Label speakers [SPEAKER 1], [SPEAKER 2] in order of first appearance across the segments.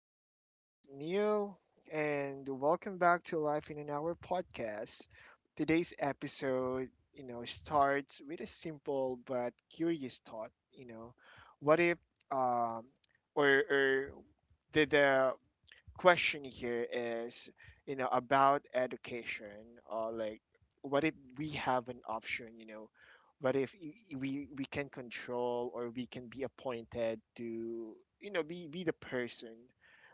[SPEAKER 1] It's your host, Neil, and welcome back to Life in an Hour podcast. Today's episode starts with a simple but curious thought. What if, um, or did the question here is, about education, or like, what if we have an option, what if we can control, or we can be appointed to, be the person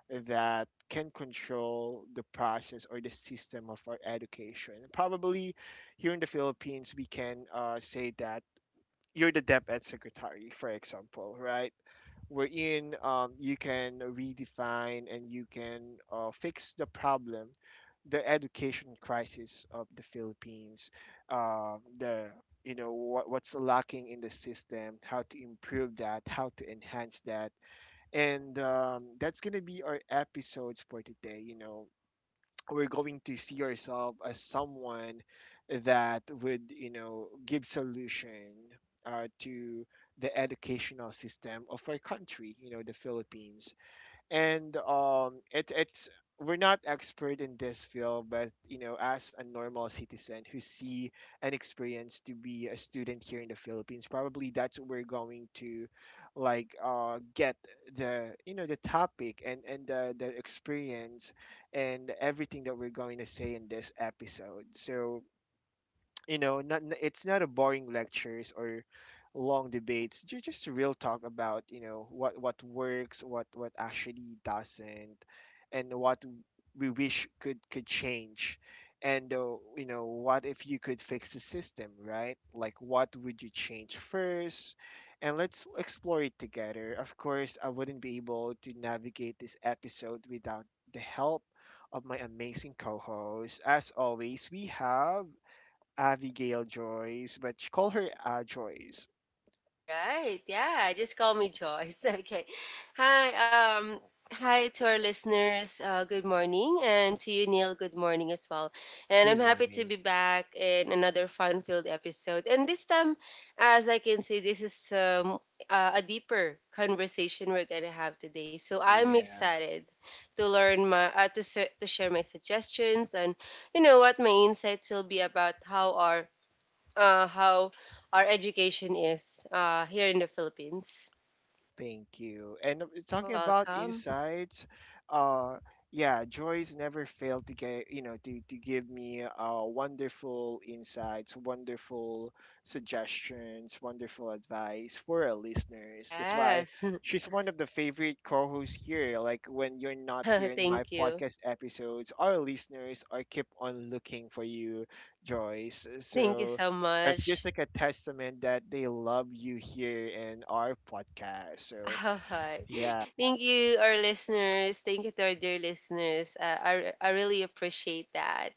[SPEAKER 1] that can control the process or the system of our education. Probably here in the Philippines, we can say that you're the Dep Ed secretary, for example, right? Wherein, you can redefine, and you can fix the problem, the education crisis of the Philippines. Uh, the you know what, what's lacking in the system, how to improve that, how to enhance that. And that's gonna be our episodes for today. We're going to see ourselves as someone that would give solution to the educational system of our country, the Philippines. And um it, it's we're not expert in this field, but, as a normal citizen who see and experience to be a student here in the Philippines, probably that's what we're going to like get the you know the topic and the experience, and everything that we're going to say in this episode. So, not it's not a boring lectures or long debates, just real talk about, what works, what actually doesn't, and what we wish could change. And, what if you could fix the system, right? Like, what would you change first? And let's explore it together. Of course, I wouldn't be able to navigate this episode without the help of my amazing co-host. As always, we have Abigail Joyce, but she call her Joyce.
[SPEAKER 2] Alright, yeah, just call me Joyce. Okay. Hi, um, hi to our listeners. Good morning, and to you, Neil. Good morning as well. And
[SPEAKER 1] Good
[SPEAKER 2] I'm happy to
[SPEAKER 1] morning.
[SPEAKER 2] be back in another fun-filled episode. And this time, as I can see, this is a deeper conversation we're gonna have today. So I'm
[SPEAKER 1] Yeah.
[SPEAKER 2] excited to learn my to share my suggestions and you know what my insights will be about how our education is here in the Philippines.
[SPEAKER 1] Thank you. And Talking about
[SPEAKER 2] Welcome.
[SPEAKER 1] insights, uh, yeah, Joyce never failed to get, to give me wonderful insights, wonderful suggestions, wonderful advice for our listeners. That's why
[SPEAKER 2] Yes.
[SPEAKER 1] she's one of the favorite co-hosts here. Like, when you're not here in my
[SPEAKER 2] Thank you.
[SPEAKER 1] podcast episodes, our listeners are keep on looking for you, Joyce.
[SPEAKER 2] Thank you
[SPEAKER 1] So
[SPEAKER 2] so
[SPEAKER 1] it's just
[SPEAKER 2] much.
[SPEAKER 1] like a testament that they love you here in our podcast. So,
[SPEAKER 2] All right.
[SPEAKER 1] yeah,
[SPEAKER 2] Thank you, our listeners. Thank you to our dear listeners. I really appreciate that.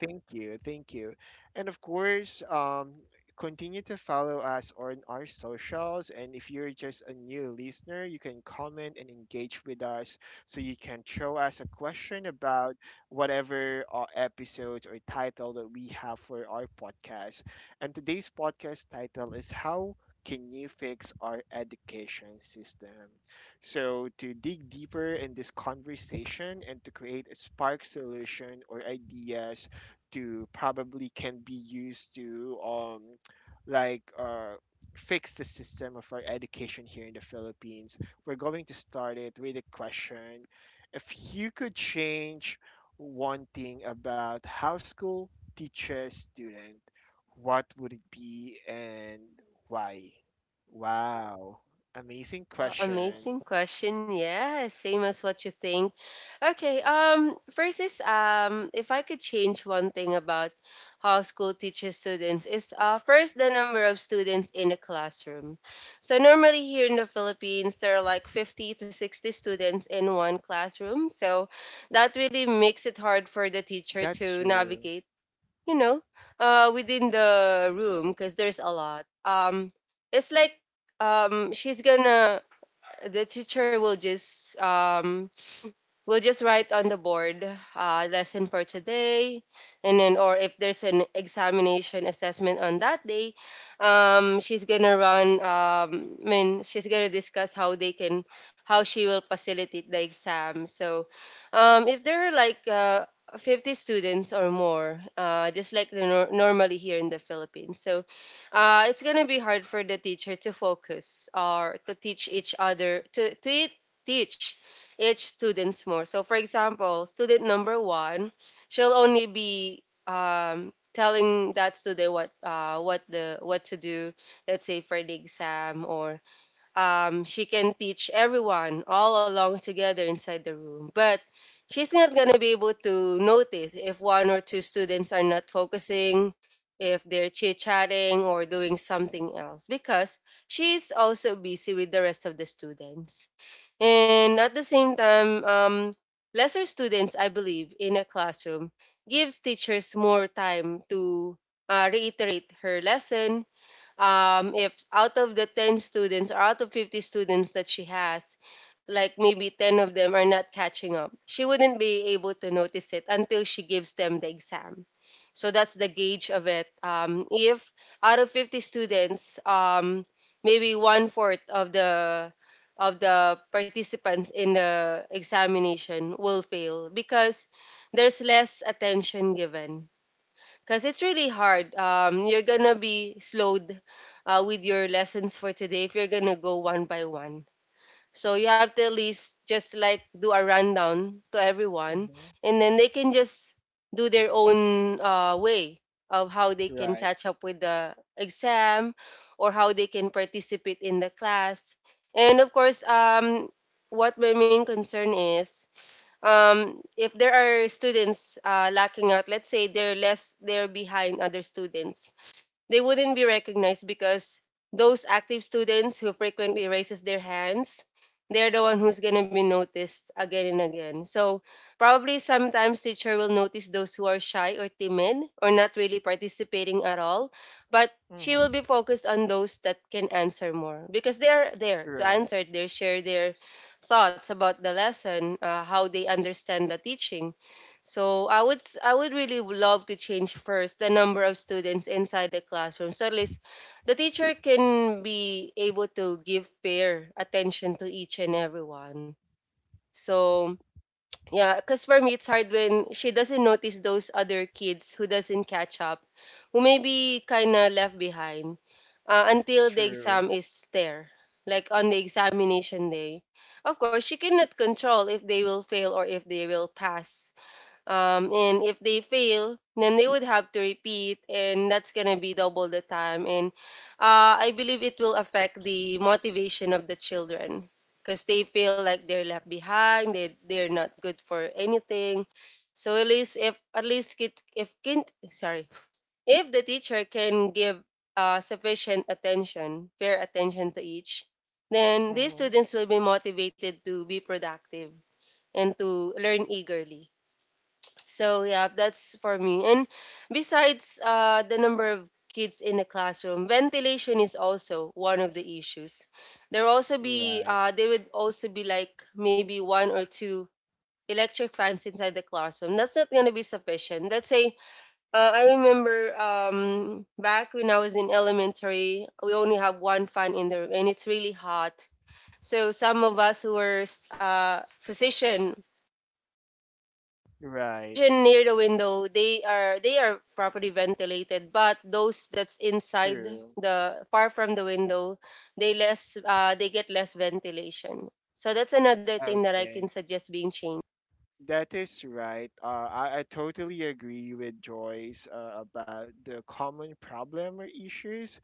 [SPEAKER 1] thank you, thank you. And of course, continue to follow us on our socials. And if you're just a new listener, you can comment and engage with us. So you can throw us a question about whatever episodes or title that we have for our podcast. And today's podcast title is "How Can You Fix Our Education System?" So, to dig deeper in this conversation and to create a spark solution or ideas to probably can be used to, like, fix the system of our education here in the Philippines. We're going to start it with a question. If you could change one thing about how school teaches student, what would it be and why? Wow. Amazing
[SPEAKER 2] Wow,
[SPEAKER 1] question.
[SPEAKER 2] amazing question. Yeah, same as what you think. Okay, first is if I could change one thing about how school teaches students is first the number of students in a classroom. So normally here in the Philippines, there are like 50 to 60 students in one classroom. So that really makes it hard for the teacher
[SPEAKER 1] That's
[SPEAKER 2] to
[SPEAKER 1] true.
[SPEAKER 2] navigate, you know, within the room because there's a lot. It's like she's gonna the teacher will just we'll just write on the board lesson for today, and then or if there's an examination assessment on that day, she's gonna run I mean she's gonna discuss how they can how she will facilitate the exam. So if there are like 50 students or more, just like the normally here in the Philippines. So it's gonna be hard for the teacher to focus or to teach each other to teach each students more. So, for example, student number one, she'll only be telling that student what to do. Let's say for the exam, or she can teach everyone all along together inside the room, but she's not gonna be able to notice if one or two students are not focusing, if they're chit-chatting or doing something else, because she's also busy with the rest of the students. And at the same time, lesser students, I believe, in a classroom gives teachers more time to reiterate her lesson. If out of the 10 students or out of 50 students that she has, like maybe 10 of them are not catching up, she wouldn't be able to notice it until she gives them the exam. So that's the gauge of it. If out of 50 students, maybe one fourth of the participants in the examination will fail because there's less attention given, because it's really hard. You're gonna be slowed with your lessons for today if you're gonna go one by one. So you have to at least just like do a rundown to everyone,
[SPEAKER 1] Hmm.
[SPEAKER 2] and then they can just do their own way of how they can
[SPEAKER 1] Right.
[SPEAKER 2] catch up with the exam or how they can participate in the class. And of course, what my main concern is, if there are students lacking out, let's say they're less, they're behind other students, they wouldn't be recognized, because those active students who frequently raises their hands, they're the one who's going to be noticed again and again. So probably sometimes teacher will notice those who are shy or timid or not really participating at all, but she
[SPEAKER 1] Hmm.
[SPEAKER 2] will be focused on those that can answer more because they are there to
[SPEAKER 1] Right.
[SPEAKER 2] answer their, share their thoughts about the lesson, how they understand the teaching. So I would really love to change first the number of students inside the classroom. So at least the teacher can be able to give fair attention to each and everyone. So yeah, because for me it's hard when she doesn't notice those other kids who doesn't catch up, who may be kinda left behind until the
[SPEAKER 1] True.
[SPEAKER 2] exam is there, like on the examination day. Of course, she cannot control if they will fail or if they will pass. And if they fail, then they would have to repeat, and that's gonna be double the time. And I believe it will affect the motivation of the children because they feel like they're left behind. They're not good for anything. So at least if at least kid, if kin, sorry if the teacher can give sufficient attention, fair attention to each, then these
[SPEAKER 1] Hmm.
[SPEAKER 2] students will be motivated to be productive and to learn eagerly. So yeah, that's for me. And besides the number of kids in the classroom, ventilation is also one of the issues. There will also be
[SPEAKER 1] Right.
[SPEAKER 2] they would also be like maybe one or two electric fans inside the classroom. That's not gonna be sufficient. Let's say I remember back when I was in elementary, we only have one fan in the room, and it's really hot. So some of us who were uh, positioned
[SPEAKER 1] Right,
[SPEAKER 2] Position near the window, they are, they are properly ventilated. But those that's inside
[SPEAKER 1] true.
[SPEAKER 2] the far from the window, they less they get less ventilation. So that's another thing that I can
[SPEAKER 1] Okay.
[SPEAKER 2] suggest being changed.
[SPEAKER 1] That is right. I totally agree with Joyce about the common problem or issues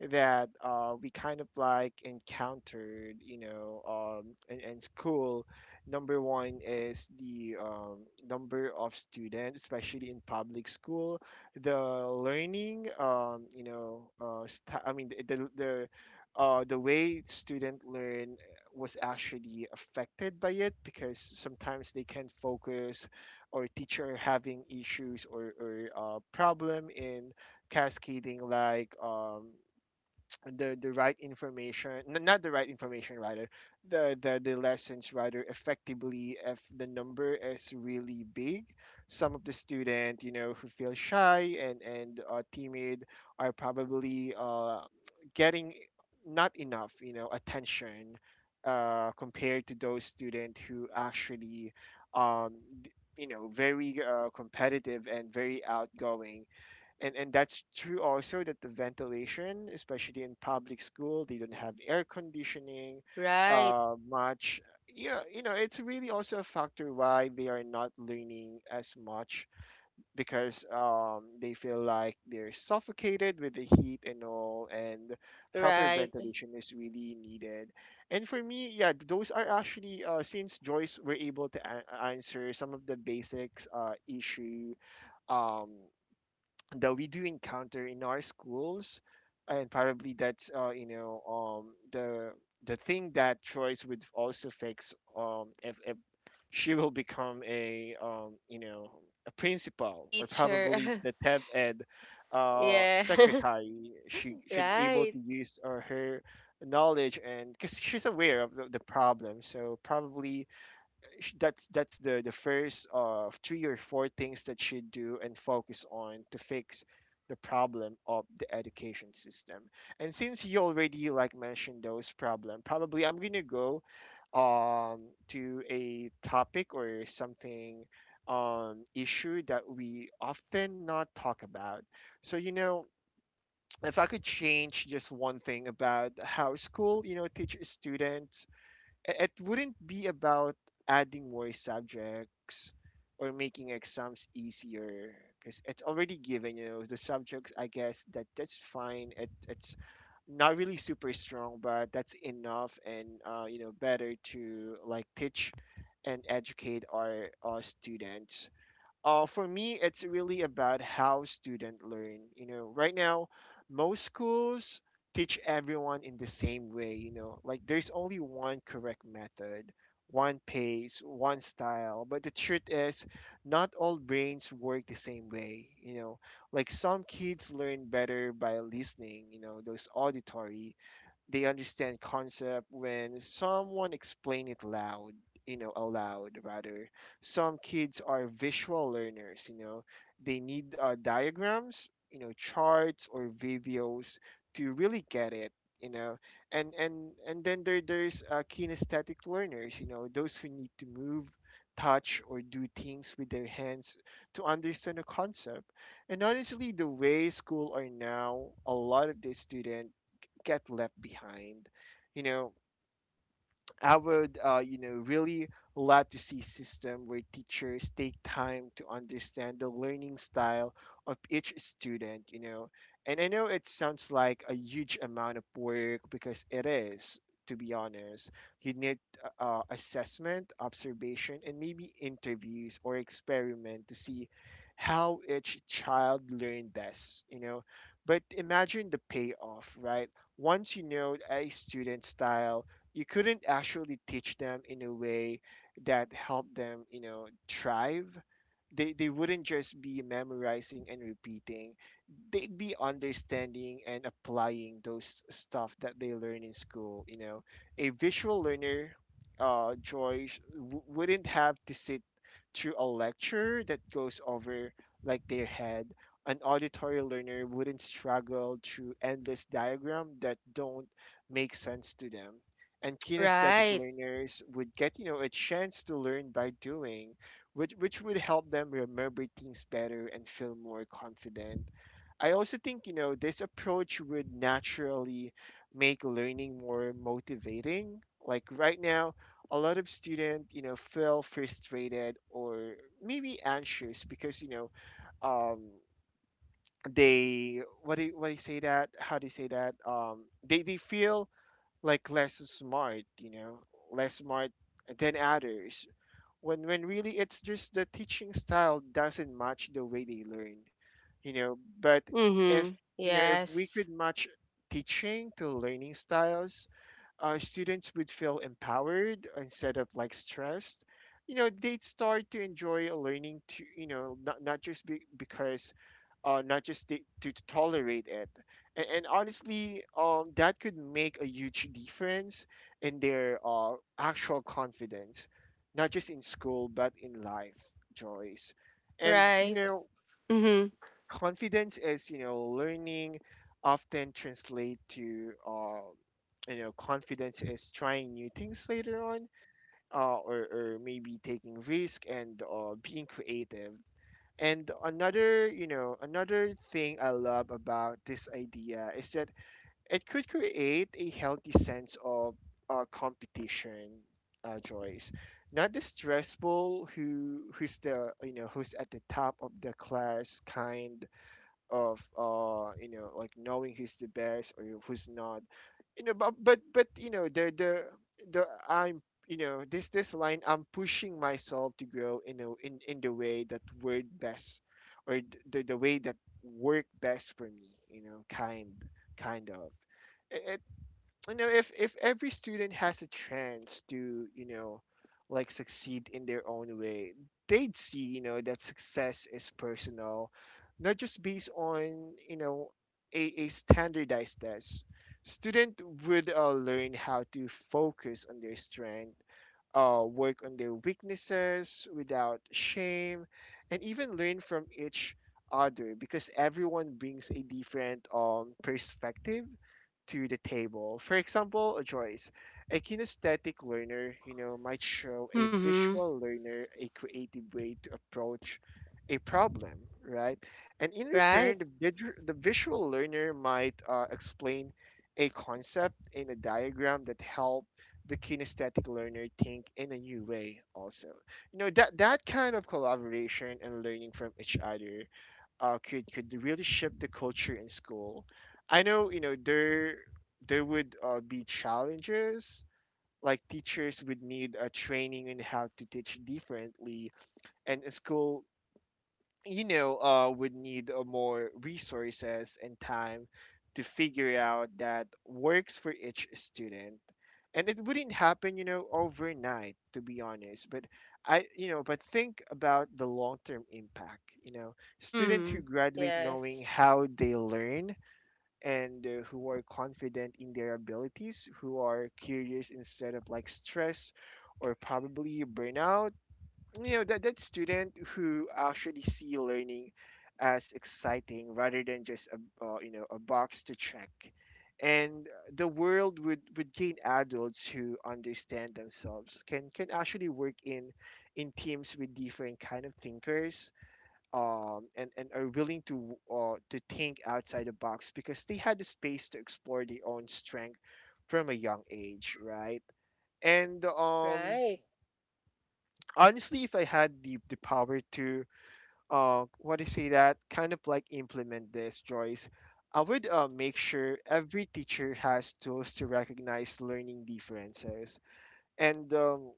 [SPEAKER 1] that we kind of like encountered, in school. Number one is the number of students, especially in public school. The learning, I mean, the way student learn was actually affected by it, because sometimes they can't focus, or teacher having issues, or problem in cascading, like, the right information, not the right information rather, the lessons rather, effectively, if the number is really big. Some of the student, who feel shy, and timid, are probably getting not enough, attention compared to those student who actually, um, d- very competitive and very outgoing. And that's true also, that the ventilation, especially in public school, they don't have air conditioning
[SPEAKER 2] Right,
[SPEAKER 1] much. Yeah, it's really also a factor why they are not learning as much, because they feel like they're suffocated with the heat and all. And proper
[SPEAKER 2] right.
[SPEAKER 1] ventilation is really needed. And for me, yeah, those are actually, since Joyce were able to answer some of the basics, issue, um that we do encounter in our schools. And probably that's, the thing that Joyce would also fix, if she will become a, a principal, or probably
[SPEAKER 2] Teacher.
[SPEAKER 1] the Tab Ed
[SPEAKER 2] Yeah.
[SPEAKER 1] secretary. She should able
[SPEAKER 2] Right,
[SPEAKER 1] to use her knowledge, and because she's aware of the problem, so probably, that's the first of three or four things that she do, and focus on to fix the problem of the education system. And since you already like mentioned those problem, probably I'm gonna go, um to a topic or something, issue that we often not talk about. So, if I could change just one thing about how school, teaches students, it wouldn't be about adding more subjects or making exams easier, because it's already given, the subjects, I guess, that's fine. It's not really super strong, but that's enough. And, better to like teach and educate our students. For me, it's really about how students learn. Right now, most schools teach everyone in the same way. Like, there's only one correct method, one pace, one style. But the truth is, not all brains work the same way. Like, some kids learn better by listening. Those auditory, they understand concept when someone explain it loud, aloud rather. Some kids are visual learners, they need, diagrams, charts or videos, to really get it you know and then there's kinesthetic learners, those who need to move, touch, or do things with their hands to understand a concept. And honestly, the way school are now, a lot of the student get left behind. You know, I would, really love to see system where teachers take time to understand the learning style of each student. And I know it sounds like a huge amount of work, because it is, to be honest. You need assessment, observation, and maybe interviews or experiment to see how each child learned best. But imagine the payoff, right? Once you know a student's style, you couldn't actually teach them in a way that helped them thrive. They wouldn't just be memorizing and repeating, they'd be understanding and applying those stuff that they learn in school. A visual learner, Joy, wouldn't have to sit through a lecture that goes over like their head. An auditory learner wouldn't struggle through endless diagram that don't make sense to them. And kinesthetic
[SPEAKER 2] right.
[SPEAKER 1] learners would get, a chance to learn by doing, which would help them remember things better and feel more confident. I also think this approach would naturally make learning more motivating. Like right now, a lot of students, feel frustrated or maybe anxious, because, um they, what do you say that, how do you say that, they feel like less smart, less smart than others. When really, it's just the teaching style doesn't match the way they learn. But if,
[SPEAKER 2] Mhm.
[SPEAKER 1] if we could
[SPEAKER 2] Yes.
[SPEAKER 1] match teaching to learning styles, students would feel empowered instead of like stressed. They'd start to enjoy learning to, not just be, because, not just to tolerate it. And honestly, that could make a huge difference in their actual confidence, not just in school, but in life, Joyce. And, you
[SPEAKER 2] Right.
[SPEAKER 1] know,
[SPEAKER 2] Mhm.
[SPEAKER 1] confidence is learning often translate to confidence is trying new things later on, or maybe taking risk and being creative. And another you know another thing I love about this idea is that it could create a healthy sense of competition, joys not the stressful who's at the top of the class kind of, like knowing who's the best or who's not, you know but you know the I'm you know this line, I'm pushing myself to grow, in the way that word best, or the way that work best for me, kind of it. If every student has a chance to, like, succeed in their own way, they'd see, that success is personal, not just based on, a standardized test. Student would learn how to focus on their strength, work on their weaknesses without shame, and even learn from each other, because everyone brings a different perspective to the table. For example, a Joyce, a kinesthetic learner, you know, might show a
[SPEAKER 2] Mhm.
[SPEAKER 1] visual learner a creative way to approach a problem, right? And in return,
[SPEAKER 2] Right.
[SPEAKER 1] the visual learner might explain a concept in a diagram that help the kinesthetic learner think in a new way also. That kind of collaboration and learning from each other could really shift the culture in school. I know, there would be challenges, like teachers would need a training in how to teach differently, and a school, would need more resources and time to figure out that works for each student. And it wouldn't happen, overnight, to be honest. But I you know but think about the long term impact. Students who
[SPEAKER 2] Mhm.
[SPEAKER 1] graduate knowing
[SPEAKER 2] Yes.
[SPEAKER 1] how they learn, and who are confident in their abilities, who are curious instead of like stress or probably burnout. That student who actually see learning as exciting rather than just a, a box to check. And the world would gain adults who understand themselves, can actually work in teams with different kind of thinkers. And are willing to think outside the box because they had the space to explore their own strength from a young age, right? and
[SPEAKER 2] Right.
[SPEAKER 1] Honestly, if I had the power to, what do you say, that kind of like implement this, Joyce? I would make sure every teacher has tools to recognize learning differences, and um,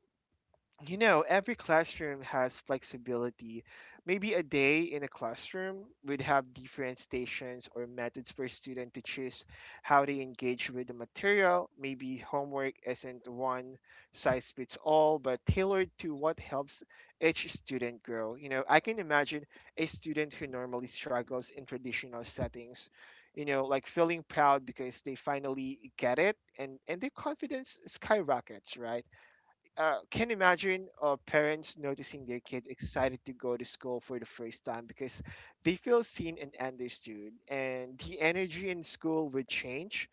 [SPEAKER 1] you know, every classroom has flexibility. Maybe a day in a classroom would have different stations or methods for student to choose how they engage with the material. Maybe homework isn't one size fits all, but tailored to what helps each student grow. You know, I can imagine a student who normally struggles in traditional settings, you know, like feeling proud because they finally get it, and their confidence skyrockets, right? Can you imagine parents noticing their kids excited to go to school for the first time because they feel seen and understood, and the energy in school would change,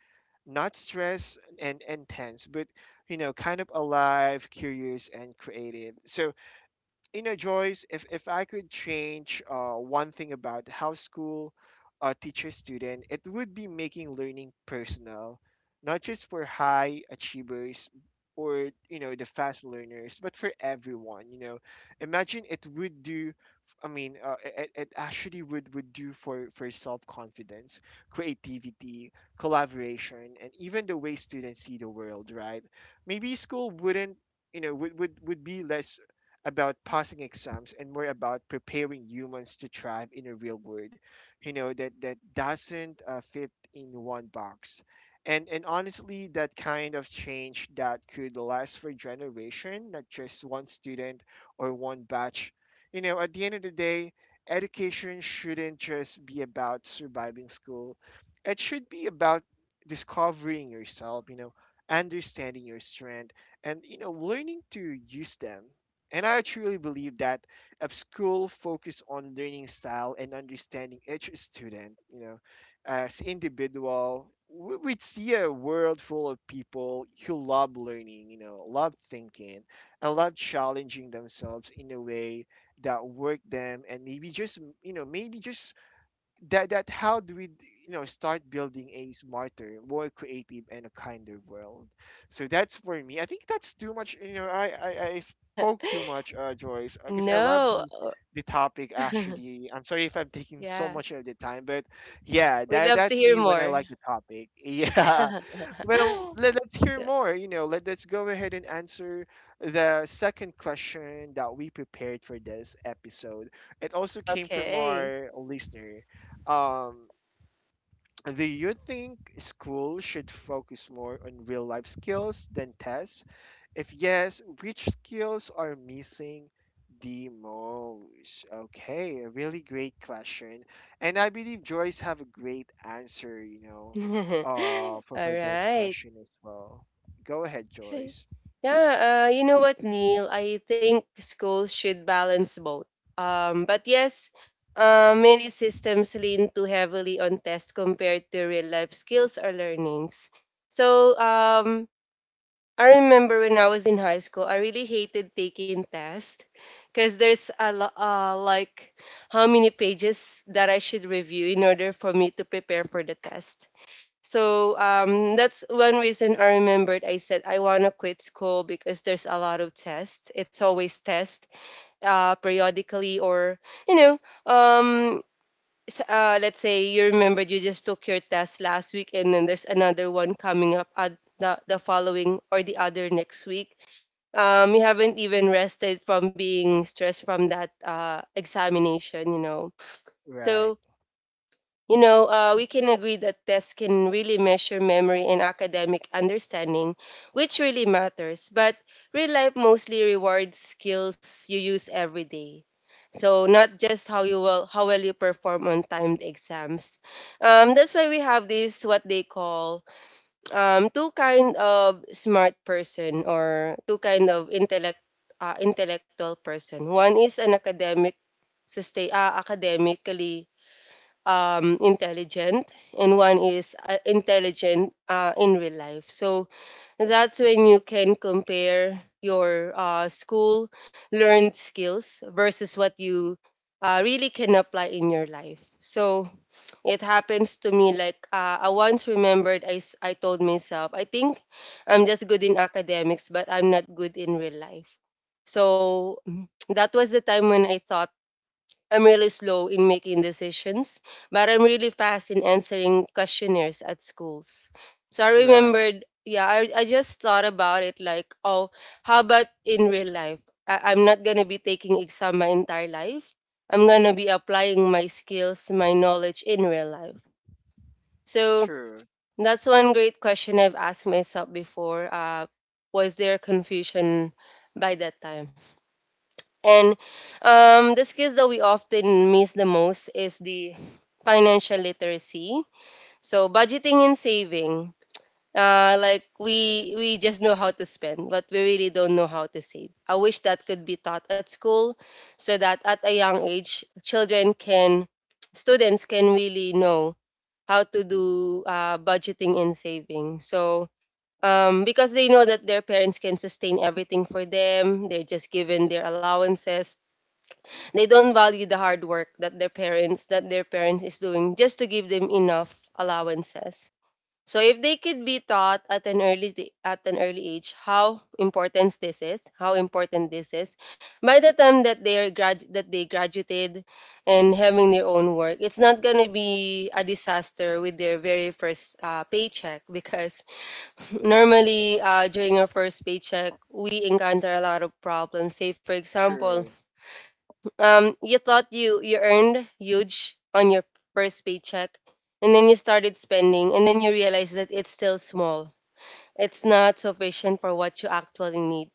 [SPEAKER 1] not stress and intense, but, you know, kind of alive, curious, and creative. So, you know, Joyce, if I could change one thing about how school teaches student, it would be making learning personal, not just for high achievers or, you know, the fast learners, but for everyone. You know, imagine it would do. I mean, it actually would do for self confidence, creativity, collaboration, and even the way students see the world. Right? Maybe school wouldn't, would would be less about passing exams and more about preparing humans to thrive in a real world, you know, that, that doesn't fit in one box. And honestly, that kind of change that could last for generation, not just one student or one batch. You know, at the end of the day, education shouldn't just be about surviving school. It should be about discovering yourself, you know, understanding your strength, and, you know, learning to use them. And I truly believe that if school focus on learning style and understanding each student, you know, as individual, we'd see a world full of people who love learning, you know, love thinking, and love challenging themselves in a way that work them. And maybe just, that how do we, you know, start building a smarter, more creative, and a kinder world. So that's for me. I think that's too much. I spoke too much, Joyce, because I love
[SPEAKER 2] No.
[SPEAKER 1] the topic, actually. I'm sorry if I'm taking so
[SPEAKER 2] Yeah,
[SPEAKER 1] much of the time, but yeah,
[SPEAKER 2] we'd love to
[SPEAKER 1] that's
[SPEAKER 2] hear
[SPEAKER 1] me when I
[SPEAKER 2] more.
[SPEAKER 1] like the topic. Yeah. Well, let's hear more. Let's go ahead and answer the second question that we prepared for this episode. It also came from
[SPEAKER 2] Okay.
[SPEAKER 1] our listener. um, do you think school should focus more on real life skills than tests? If yes, which skills are missing the most? Okay, a really great question. And I believe Joyce have a great answer, you know,
[SPEAKER 2] All
[SPEAKER 1] for this
[SPEAKER 2] right.
[SPEAKER 1] question as well. Go ahead,
[SPEAKER 2] Okay.
[SPEAKER 1] Joyce.
[SPEAKER 2] Yeah, you know what, Neil? I think schools should balance both. But yes, many systems lean too heavily on tests compared to real life skills or learnings. So, I remember when I was in high school, I really hated taking tests because there's a like how many pages that I should review in order for me to prepare for the test. So that's one reason I remembered. I said I want to quit school because there's a lot of tests. It's always test, periodically. Or you know, um, let's say you remembered you just took your test last week and then there's another one coming up at the following or the other next week. You haven't even rested from being stressed from that examination, you know.
[SPEAKER 1] Right,
[SPEAKER 2] So you know, we can agree that tests can really measure memory and academic understanding, which really matters. But real life mostly rewards skills you use every day. So not just how well you perform on timed exams. That's why we have this what they call two kind of smart person or two kind of intellectual person. One is an academically intelligent, and one is intelligent in real life. So that's when you can compare your school learned skills versus what you really can apply in your life. So it happens to me like, I once remembered I told myself, I think I'm just good in academics, but I'm not good in real life. So that was the time when I thought I'm really slow in making decisions, but I'm really fast in answering questionnaires at schools. So I
[SPEAKER 1] right.
[SPEAKER 2] remembered, yeah, I just thought about it like, oh, how about in real life? I'm not going to be taking exam my entire life. I'm going to be applying my skills, my knowledge in real life. So
[SPEAKER 1] True,
[SPEAKER 2] that's one great question I've asked myself before. Was there confusion by that time? And the skills that we often miss the most is the financial literacy. So budgeting and saving. Like we just know how to spend, but we really don't know how to save. I wish that could be taught at school, so that at a young age, students can really know how to do budgeting and saving. So because they know that their parents can sustain everything for them, they're just given their allowances. They don't value the hard work that their parents is doing just to give them enough allowances. So if they could be taught at an at an early age how important this is, by the time that they are grad that they graduated and having their own work, it's not going to be a disaster with their very first paycheck. Because normally during our first paycheck we encounter a lot of problems. Say for example,
[SPEAKER 1] true.
[SPEAKER 2] you thought you earned huge on your first paycheck, and then you started spending, and then you realize that it's still small. It's not sufficient for what you actually need.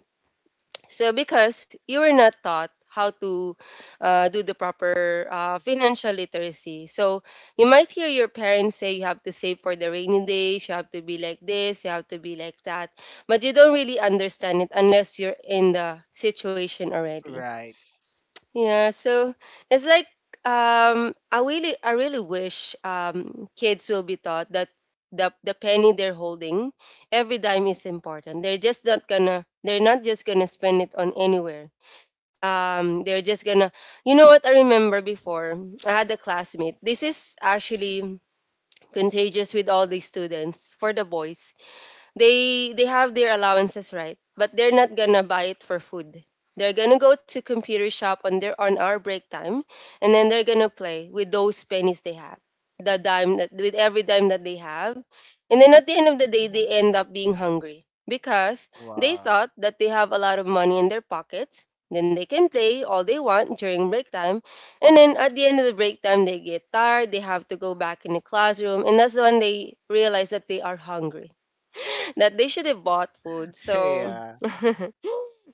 [SPEAKER 2] So because you were not taught how to do the proper financial literacy, so you might hear your parents say you have to save for the rainy days, you have to be like this, you have to be like that, but you don't really understand it unless you're in the situation already.
[SPEAKER 1] Right.
[SPEAKER 2] Yeah, so it's like I really, I really wish kids will be taught that the penny they're holding, every dime is important. They're just not gonna, they're not just gonna spend it on anywhere. They're just gonna, you know what? I remember before I had a classmate. This is actually contagious with all the students. For the boys, they have their allowances, right? But they're not gonna buy it for food. They're gonna go to computer shop on their on our break time, and then they're gonna play with those pennies they have, the dime that, with every dime that they have. And then at the end of the day they
[SPEAKER 1] Mhm.
[SPEAKER 2] end up being hungry because they
[SPEAKER 1] Wow.
[SPEAKER 2] thought that they have a lot of money in their pockets, then they can play all they want during break time. And then at the end of the break time they get tired, they have to go back in the classroom, and that's when they realize that they are hungry, that they should have bought food. So,
[SPEAKER 1] Yeah,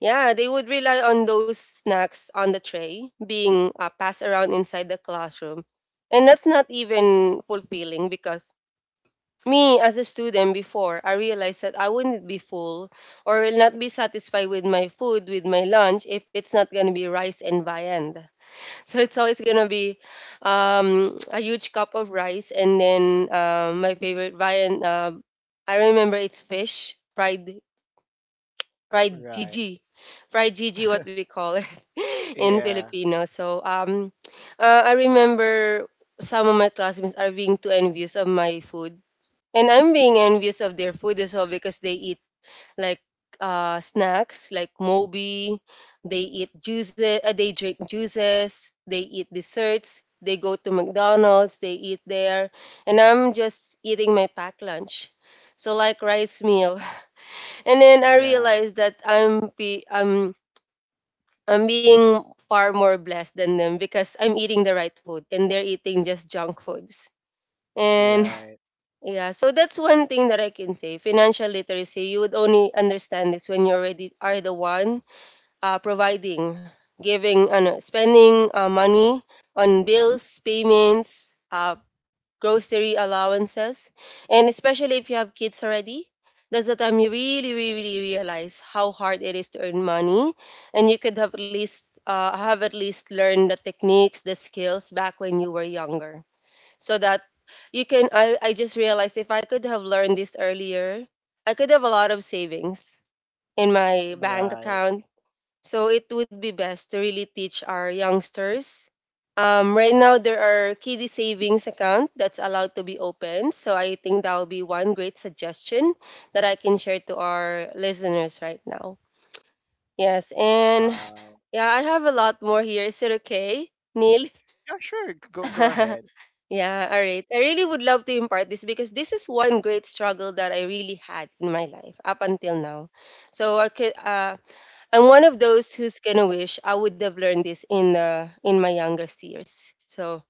[SPEAKER 2] yeah, they would rely on those snacks on the tray being passed around inside the classroom. And that's not even fulfilling because me as a student before, I realized that I wouldn't be full or will not be satisfied with my food, with my lunch, if it's not going to be rice and viand. So it's always going to be a huge cup of rice, and then my favorite viand. I remember it's fish, fried
[SPEAKER 1] right.
[SPEAKER 2] Gigi, fried Gigi, what we call it in
[SPEAKER 1] Yeah,
[SPEAKER 2] Filipino. So I remember some of my classmates are being too envious of my food, and I'm being envious of their food as well because they eat like snacks like Moby, they eat juices, they drink juices, they eat desserts. They go to McDonald's, they eat there, and I'm just eating my packed lunch. So like rice meal. And then I
[SPEAKER 1] yeah.
[SPEAKER 2] realized that I'm being far more blessed than them because I'm eating the right food and they're eating just junk foods. And
[SPEAKER 1] Right,
[SPEAKER 2] yeah, so that's one thing that I can say. Financial literacy, you would only understand this when you already are the one providing, giving, ano, spending money on bills, payments, grocery allowances, and especially if you have kids already, that's the time you really, really, really realize how hard it is to earn money, and you could have at least learned the techniques, the skills back when you were younger, so that you can. I just realized if I could have learned this earlier, I could have a lot of savings in my bank
[SPEAKER 1] right.
[SPEAKER 2] account, so it would be best to really teach our youngsters. Right now, there are kiddie savings account that's allowed to be open. So I think that will be one great suggestion that I can share to our listeners right now. Yes, and
[SPEAKER 1] Wow.
[SPEAKER 2] yeah, I have a lot more here. Is it okay, Neil?
[SPEAKER 1] Yeah, sure. Go ahead.
[SPEAKER 2] Yeah, all right. I really would love to impart this because this is one great struggle that I really had in my life up until now. So I could, I'm one of those who's gonna wish I would have learned this in my younger years. So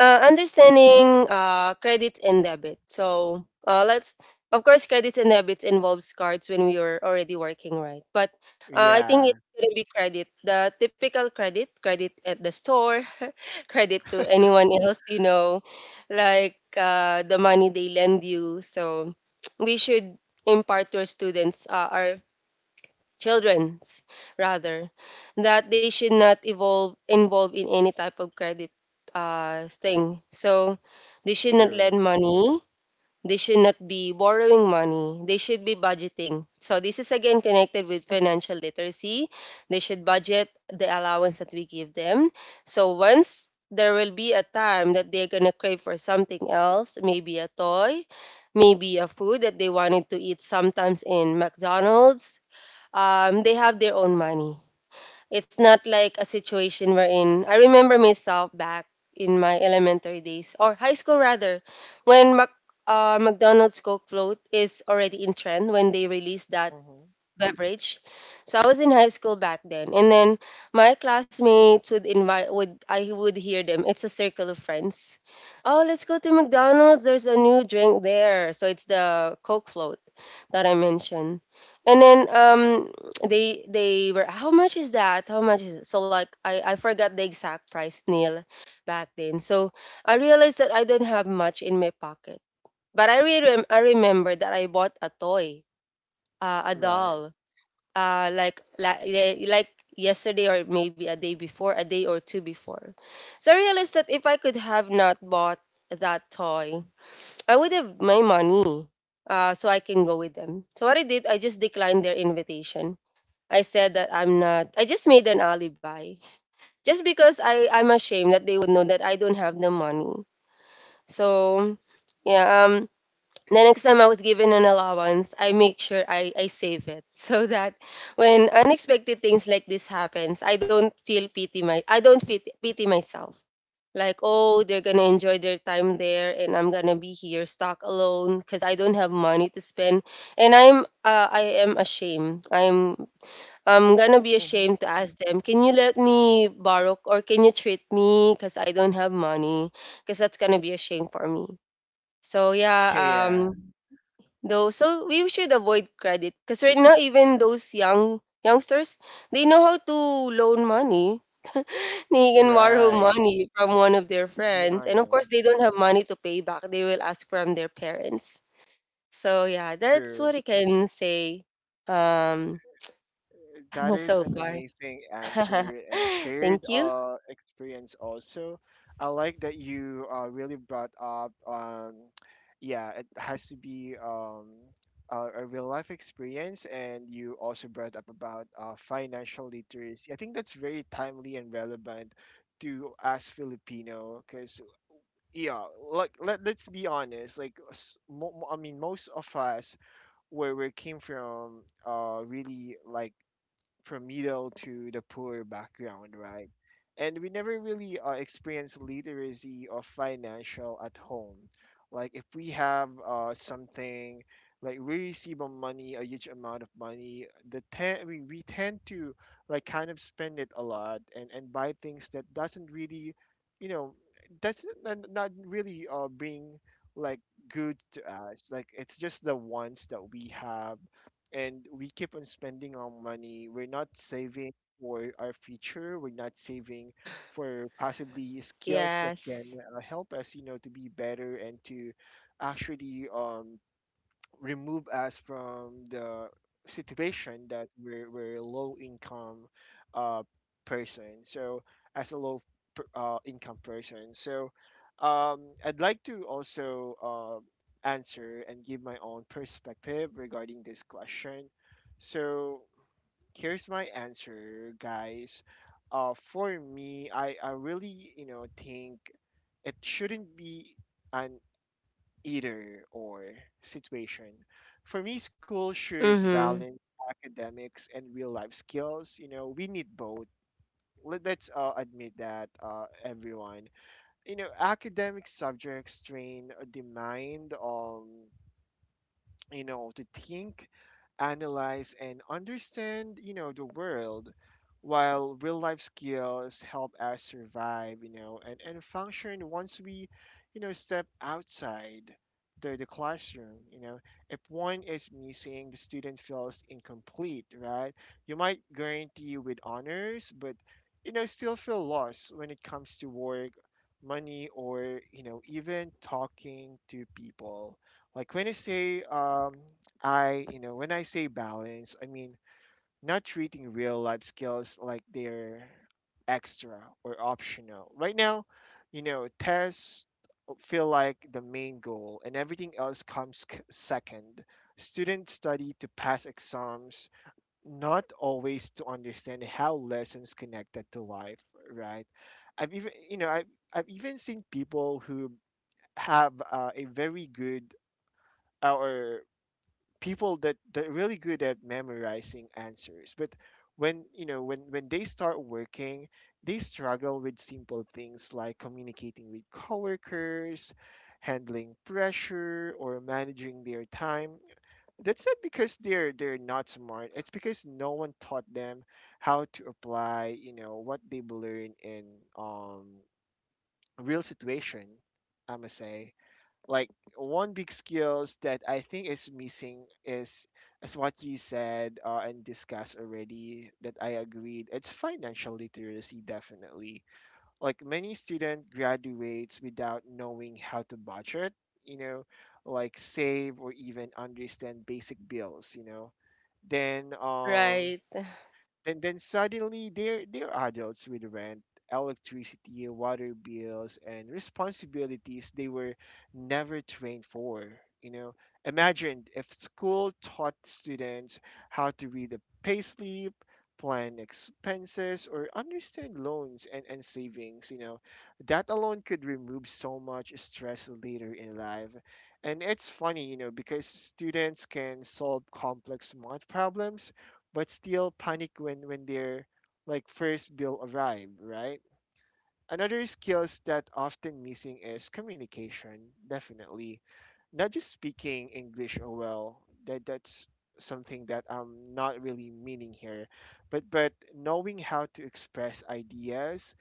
[SPEAKER 2] understanding credits and debit. So let's, of course, credits and debits involves cards when we were already working, right? But I think
[SPEAKER 1] Yeah,
[SPEAKER 2] it's gonna be credit, the typical credit, credit at the store, credit to anyone else, you know, like the money they lend you. So we should impart to our students, our children's, rather, that they should not evolve involve in any type of credit thing. So they should not
[SPEAKER 1] true.
[SPEAKER 2] lend money, they should not be borrowing money, they should be budgeting. So this is again connected with financial literacy. They should budget the allowance that we give them. So once there will be a time that they're going to crave for something else, maybe a toy, maybe a food that they wanted to eat sometimes in McDonald's, they have their own money. It's not like a situation wherein I remember myself back in my elementary days or high school, rather, when McDonald's Coke float is already in trend when they released that
[SPEAKER 1] Mm-hmm.
[SPEAKER 2] beverage. So I was in high school back then, and then my classmates would invite. Would I would hear them? It's a circle of friends. Oh, let's go to McDonald's. There's a new drink there. So it's the Coke float that I mentioned. And then they were, how much is that? How much is it? So like I forgot the exact price, Neil, back then. So I realized that I don't have much in my pocket. But I really I remember that I bought a toy, a
[SPEAKER 1] Right.
[SPEAKER 2] doll, uh, like yesterday or maybe a day before, a day or two before. So I realized that if I could have not bought that toy, I would have my money, so I can go with them. So what I did, I just declined their invitation. I said that I'm not. I just made an alibi, just because I'm ashamed that they would know that I don't have the money. So, yeah. The next time I was given an allowance, I make sure I save it so that when unexpected things like this happens, I don't fit, pity myself. Like oh, they're gonna enjoy their time there, and I'm gonna be here stuck alone because I don't have money to spend, and I am ashamed. I'm gonna be
[SPEAKER 1] Mm-hmm.
[SPEAKER 2] ashamed to ask them, can you let me borrow or can you treat me because I don't have money? Because that's gonna be a shame for me. So yeah,
[SPEAKER 1] Yeah,
[SPEAKER 2] um, though, so we should avoid credit because right now even those youngsters, they know how to loan money. They can borrow
[SPEAKER 1] right.
[SPEAKER 2] money from one of their
[SPEAKER 1] Be
[SPEAKER 2] friends, and of course
[SPEAKER 1] honest.
[SPEAKER 2] they don't have money to pay back, they will ask from their parents. So yeah, that's
[SPEAKER 1] True.
[SPEAKER 2] what I can say. Um,
[SPEAKER 1] That is
[SPEAKER 2] so
[SPEAKER 1] an
[SPEAKER 2] far.
[SPEAKER 1] amazing answer and shared
[SPEAKER 2] Thank you.
[SPEAKER 1] experience also. I like that you really brought up, yeah, it has to be a real life experience. And you also brought up about financial literacy. I think that's very timely and relevant to us Filipino because, yeah, like, let's be honest, like, I mean, most of us, where we came from, really like, from middle to the poor background, right? And we never really experience literacy or financial at home. Like if we have something, like we receive a money, a huge amount of money, the ten, I mean, we tend to like kind of spend it a lot and buy things that doesn't really, you know, that's not really bring like good to us. Like it's just the ones that we have and we keep on spending our money. We're not saving for our future. We're not saving for possibly skills that can
[SPEAKER 2] Yes.
[SPEAKER 1] help us, you know, to be better and to actually remove us from the situation that we're a low income uh, person. So as a low income person. So I'd like to also answer and give my own perspective regarding this question. So here's my answer, guys. For me, I really, you know, think it shouldn't be an either or situation. For me, school should
[SPEAKER 2] Mm-hmm.
[SPEAKER 1] balance academics and real life skills. You know, we need both. Let's admit that, everyone. You know, academic subjects train the mind. You know, to think, analyze, and understand, you know, the world, while real life skills help us survive, you know, and function once we, you know, step outside the classroom, you know. If one is missing, the student feels incomplete, right? You might guarantee with honors, but, you know, still feel lost when it comes to work, money, or, you know, even talking to people. Like when I say, you know, when I say balance, I mean not treating real life skills like they're extra or optional. Right now, you know, tests feel like the main goal and everything else comes second. Students study to pass exams, not always to understand how lessons connected to life, right? I've even, you know, I've even seen people who have a very good or people that are really good at memorizing answers, but when you know when they start working, they struggle with simple things like communicating with coworkers, handling pressure, or managing their time. That's not because they're not smart, it's because no one taught them how to apply, you know, what they've learned in, um real situation. I must say, like, one big skills that I think is missing is, as what you said, and discussed already that I agreed. It's financial literacy, definitely. Like many student graduates without knowing how to budget, you know, like save or even understand basic bills, you know. Then
[SPEAKER 2] Right.
[SPEAKER 1] And then suddenly they're adults with rent, electricity, water bills, and responsibilities they were never trained for, you know. Imagine if school taught students how to read a payslip, plan expenses, or understand loans and savings, you know. That alone could remove so much stress later in life. And it's funny, you know, because students can solve complex math problems but still panic when their like first bill arrive, right? Another skills that often missing is communication, definitely. Not just speaking English oh well. That's something that I'm not really meaning here. But knowing how to express ideas,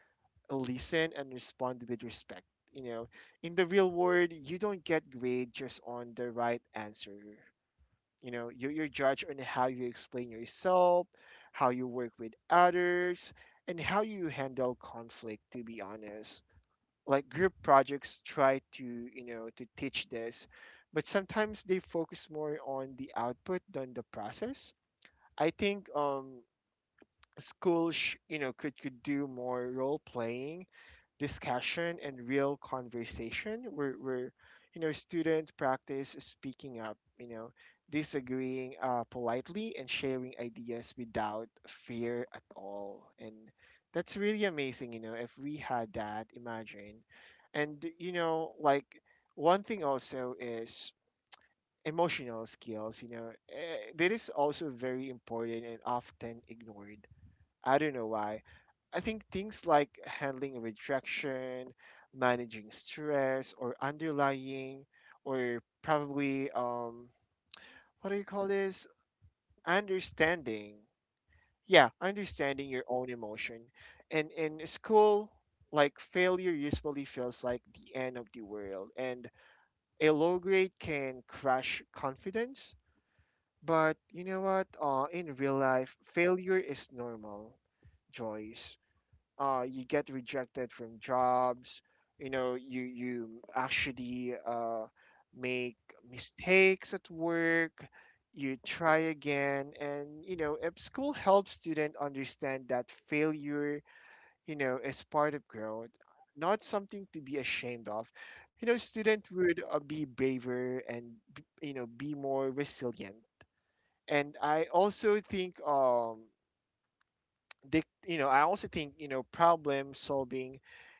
[SPEAKER 1] listen, and respond with respect. You know, in the real world, you don't get grade just on the right answer, you know, you you're judged on how you explain yourself, how you work with others, and how you handle conflict, to be honest. Like group projects try to, you know, to teach this, but sometimes they focus more on the output than the process. I think schools, could do more role playing discussion and real conversation where students practice speaking up, disagreeing politely and sharing ideas without fear at all. And that's really amazing, if we had that, imagine. And you know like One thing also is emotional skills, that is also very important and often ignored. I don't know why. I think things like handling rejection, managing stress, or underlying, or probably, what do you call this? Understanding. Yeah, understanding your own emotion. And in school, like, failure usually feels like the end of the world, and a low grade can crush confidence. But you know what? In real life, failure is normal, Joyce. You get rejected from jobs, you actually make mistakes at work, you try again. And, you know, if school helps student understand that failure, is part of growth, not something to be ashamed of, student would be braver and be more resilient. And I also think, they you know I also think you know problem solving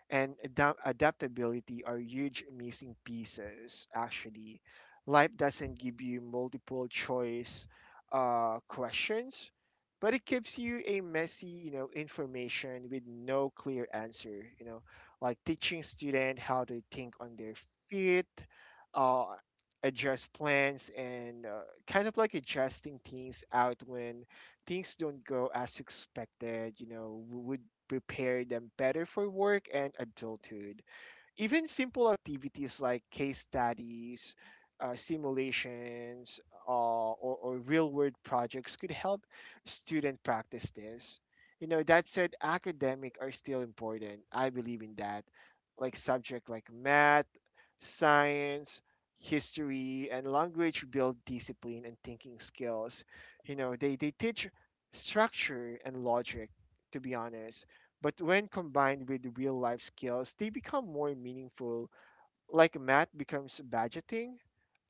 [SPEAKER 1] and adaptability are huge missing pieces actually. Life doesn't give you multiple choice questions, but it gives you a messy, information with no clear answer. Like, teaching student how to think on their feet, uh, adjust plans, and kind of like adjusting things out when things don't go as expected, you know, would prepare them better for work and adulthood. Even simple activities like case studies, simulations, or real world projects could help students practice this. You know, that said, academic are still important. I believe in that. Like, subject like math, science, history, and language build discipline and thinking skills. You know, they teach structure and logic, to be honest. But when combined with real life skills, they become more meaningful. Like, math becomes budgeting,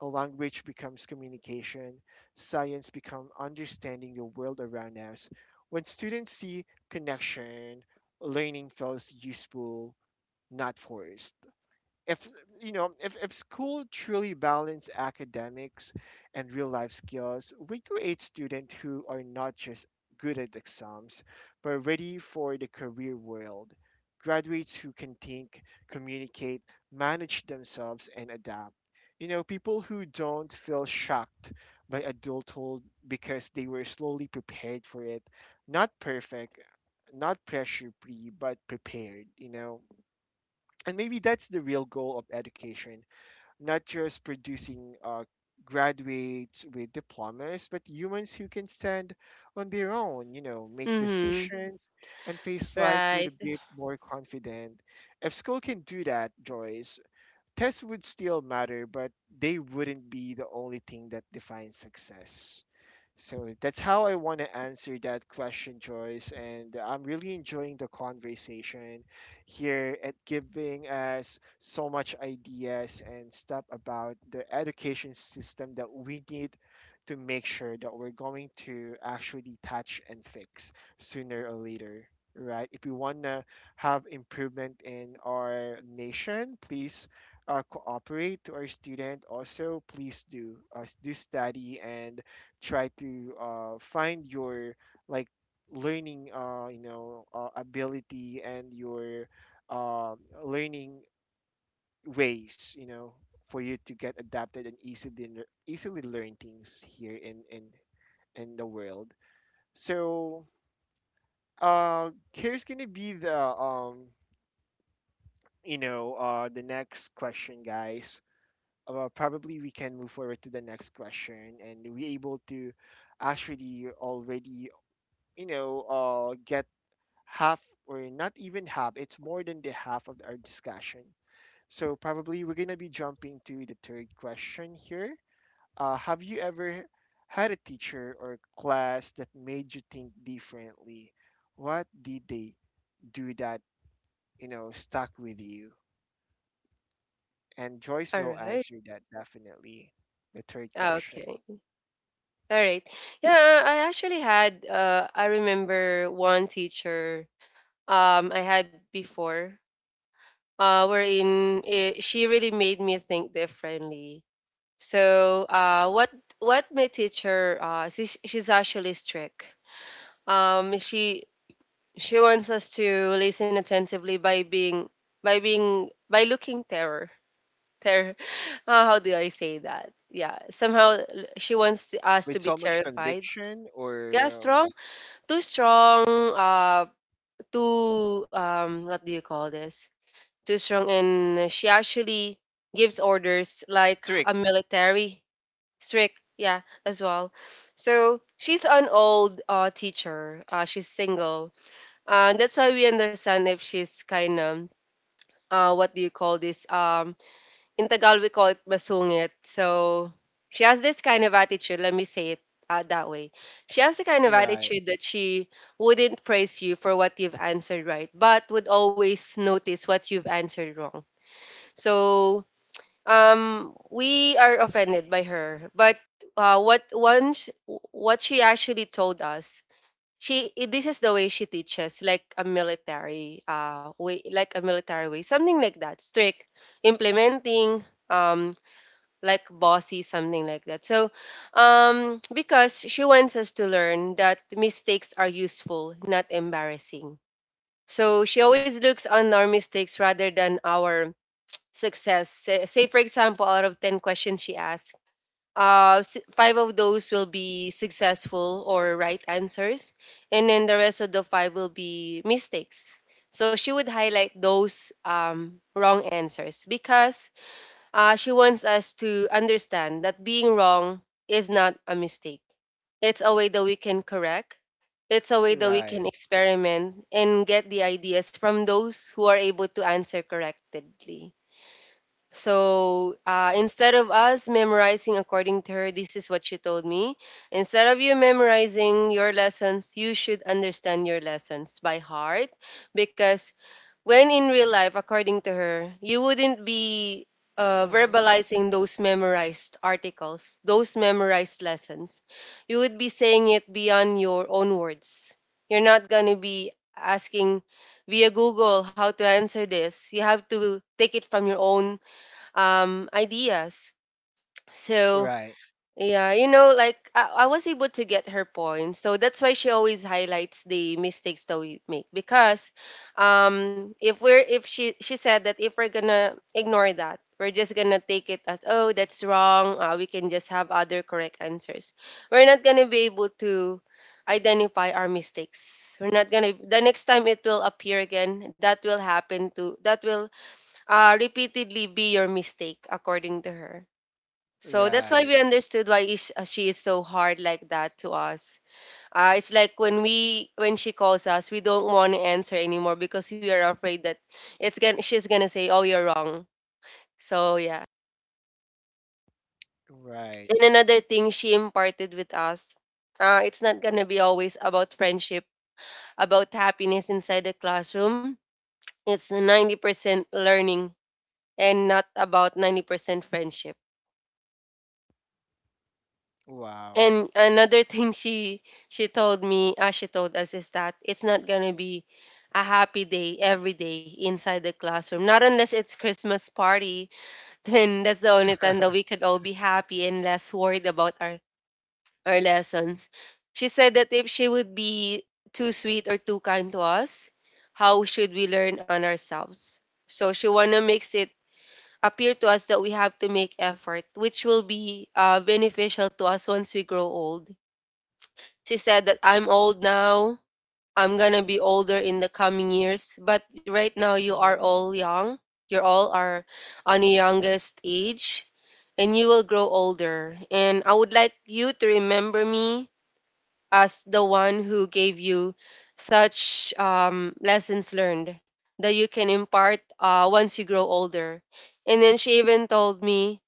[SPEAKER 1] a language becomes communication, science becomes understanding the world around us. When students see connection, learning feels useful, not forced. If you know if, if school truly balance academics and real life skills, we create students who are not just good at exams, but ready for the career world. Graduates who can think, communicate, manage themselves, and adapt. You know, people who don't feel shocked by adulthood because they were slowly prepared for it. Not perfect, not pressure free, but prepared, you know. And maybe that's the real goal of education. Not just producing graduates with diplomas, but humans who can stand on their own, you know, make
[SPEAKER 2] Mm-hmm.
[SPEAKER 1] decisions, and face life with
[SPEAKER 2] Right.
[SPEAKER 1] a bit more confident. If school can do that, Joyce, tests would still matter, but they wouldn't be the only thing that defines success. So that's how I want to answer that question, Joyce. And I'm really enjoying the conversation here at giving us so much ideas and stuff about the education system that we need to make sure that we're going to actually touch and fix sooner or later. Right. If we want to have improvement in our nation, please cooperate to our student also. Please do do study and try to find your, like, learning ability and your uh, learning ways, you know, for you to get adapted and easily easily learn things here in in the world. So here's gonna be the the next question, guys. Probably we can move forward to the next question, and we able to actually already, get half, or not even half, it's more than the half of our discussion. So probably we're going to be jumping to the third question here. Have you ever had a teacher or class that made you think differently? What did they do that, you know, stuck with you? And Joyce
[SPEAKER 2] All
[SPEAKER 1] will
[SPEAKER 2] right.
[SPEAKER 1] answer that, definitely. The third question.
[SPEAKER 2] Okay. All right. Yeah, I actually had I remember one teacher I had before wherein it, she really made me think differently. So, what my teacher, she's actually strict. Um she she wants us to listen attentively by being, by looking terror. Terror. How do I say that? Yeah, somehow she wants us
[SPEAKER 1] With
[SPEAKER 2] to be
[SPEAKER 1] so much
[SPEAKER 2] terrified.
[SPEAKER 1] conviction,
[SPEAKER 2] Yeah,
[SPEAKER 1] or
[SPEAKER 2] strong. Too strong, uh, too, what do you call this? Too strong, and she actually gives orders like
[SPEAKER 1] strict.
[SPEAKER 2] a military, strict, yeah, as well. So she's an old teacher. She's single. That's why we understand if she's kind of, what do you call this? In Tagalog we call it masungit. So she has this kind of attitude. Let me say it that way. She has the kind of
[SPEAKER 1] Right,
[SPEAKER 2] attitude that she wouldn't praise you for what you've answered right, but would always notice what you've answered wrong. So we are offended by her, but uh, what once what she actually told us. This is the way she teaches, like a military way, like a military way, something like that. Strict, implementing, like bossy, something like that. So, because she wants us to learn that mistakes are useful, not embarrassing. So she always looks on our mistakes rather than our success. Say for example, out of 10 questions she asks, five of those will be successful or right answers, and then the rest of the five will be mistakes. So she would highlight those wrong answers because she wants us to understand that being wrong is not a mistake. It's a way that we can correct, it's a way that we can
[SPEAKER 1] right.
[SPEAKER 2] experiment and get the ideas from those who are able to answer correctly. So instead of us memorizing, according to her, this is what she told me. Instead of you memorizing your lessons, you should understand your lessons by heart because when in real life, according to her, you wouldn't be
[SPEAKER 1] Mm-hmm.
[SPEAKER 2] verbalizing those memorized articles, those memorized lessons. You would be saying it beyond your own words. You're not going to be asking via Google how to answer this. You have to take it from your own ideas. So,
[SPEAKER 1] Right,
[SPEAKER 2] yeah, you know, like I was able to get her point. So that's why she always highlights the mistakes that we make because if we're if she she said that if we're gonna ignore that, we're just gonna take it as, oh, that's wrong, we can just have other correct answers. We're not gonna be able to identify our mistakes. We're not gonna The next time it will appear again, that will repeatedly be your mistake, according to her. So that's why
[SPEAKER 1] right,
[SPEAKER 2] we understood why is, she is so hard like that to us. It's like when she calls us, we don't want to answer anymore because we are afraid that it's gonna she's gonna say, "Oh, you're wrong." So yeah.
[SPEAKER 1] right.
[SPEAKER 2] And another thing she imparted with us, it's not gonna be always about friendship, about happiness inside the classroom. It's 90% learning and not about 90% friendship.
[SPEAKER 1] Wow.
[SPEAKER 2] And another thing she told me, she told us is that it's not gonna be a happy day every day inside the classroom. Not unless it's Christmas party, then that's the only time that we could all be happy and less worried about our lessons. She said that if she would be too sweet or too kind to us, how should we learn on ourselves? So she wanna makes it appear to us that we have to make effort, which will be beneficial to us once we grow old. She said that I'm old now. I'm going to be older in the coming years. But right now, you are
[SPEAKER 1] Mm-hmm.
[SPEAKER 2] all young. You all are on the youngest age. And you will grow older. And I would like you to remember me as the one who gave you such lessons learned that you can impart once you grow older. And then she even told me,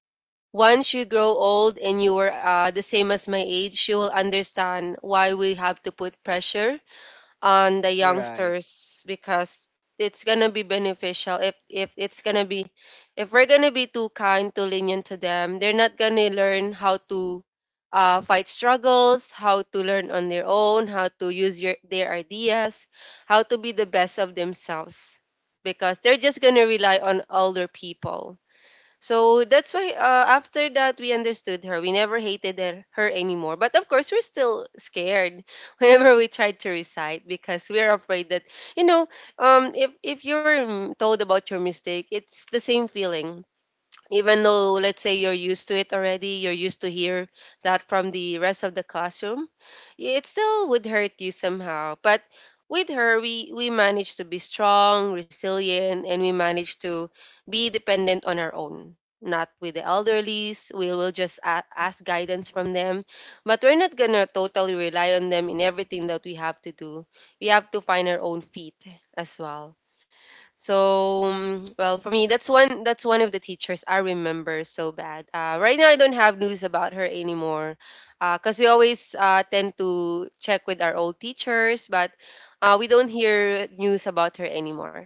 [SPEAKER 2] once you grow old and you are the same as my age, you will understand why we have to put pressure on the
[SPEAKER 1] Right.
[SPEAKER 2] youngsters because it's gonna be beneficial. If it's gonna be if we're gonna be too kind, too lenient to them, they're not gonna learn how to fight struggles, how to learn on their own, how to use their ideas, how to be the best of themselves, because they're just gonna rely on older people. So that's why, after that, we understood her. We never hated her anymore. But of course we're still scared whenever we try to recite, because we're afraid that, you know if you're told about your mistake, it's the same feeling. Even though, let's say, you're used to it already, you're used to hear that from the rest of the classroom, it still would hurt you somehow. But with her, we managed to be strong, resilient, and we managed to be dependent on our own, not with the elderlies. We will just ask guidance from them, but we're not gonna totally rely on them in everything that we have to do. We have to find our own feet as well. So, for me, that's one of the teachers I remember so bad. Right now, I don't have news about her anymore, because we always tend to check with our old teachers, but we don't hear news about her anymore.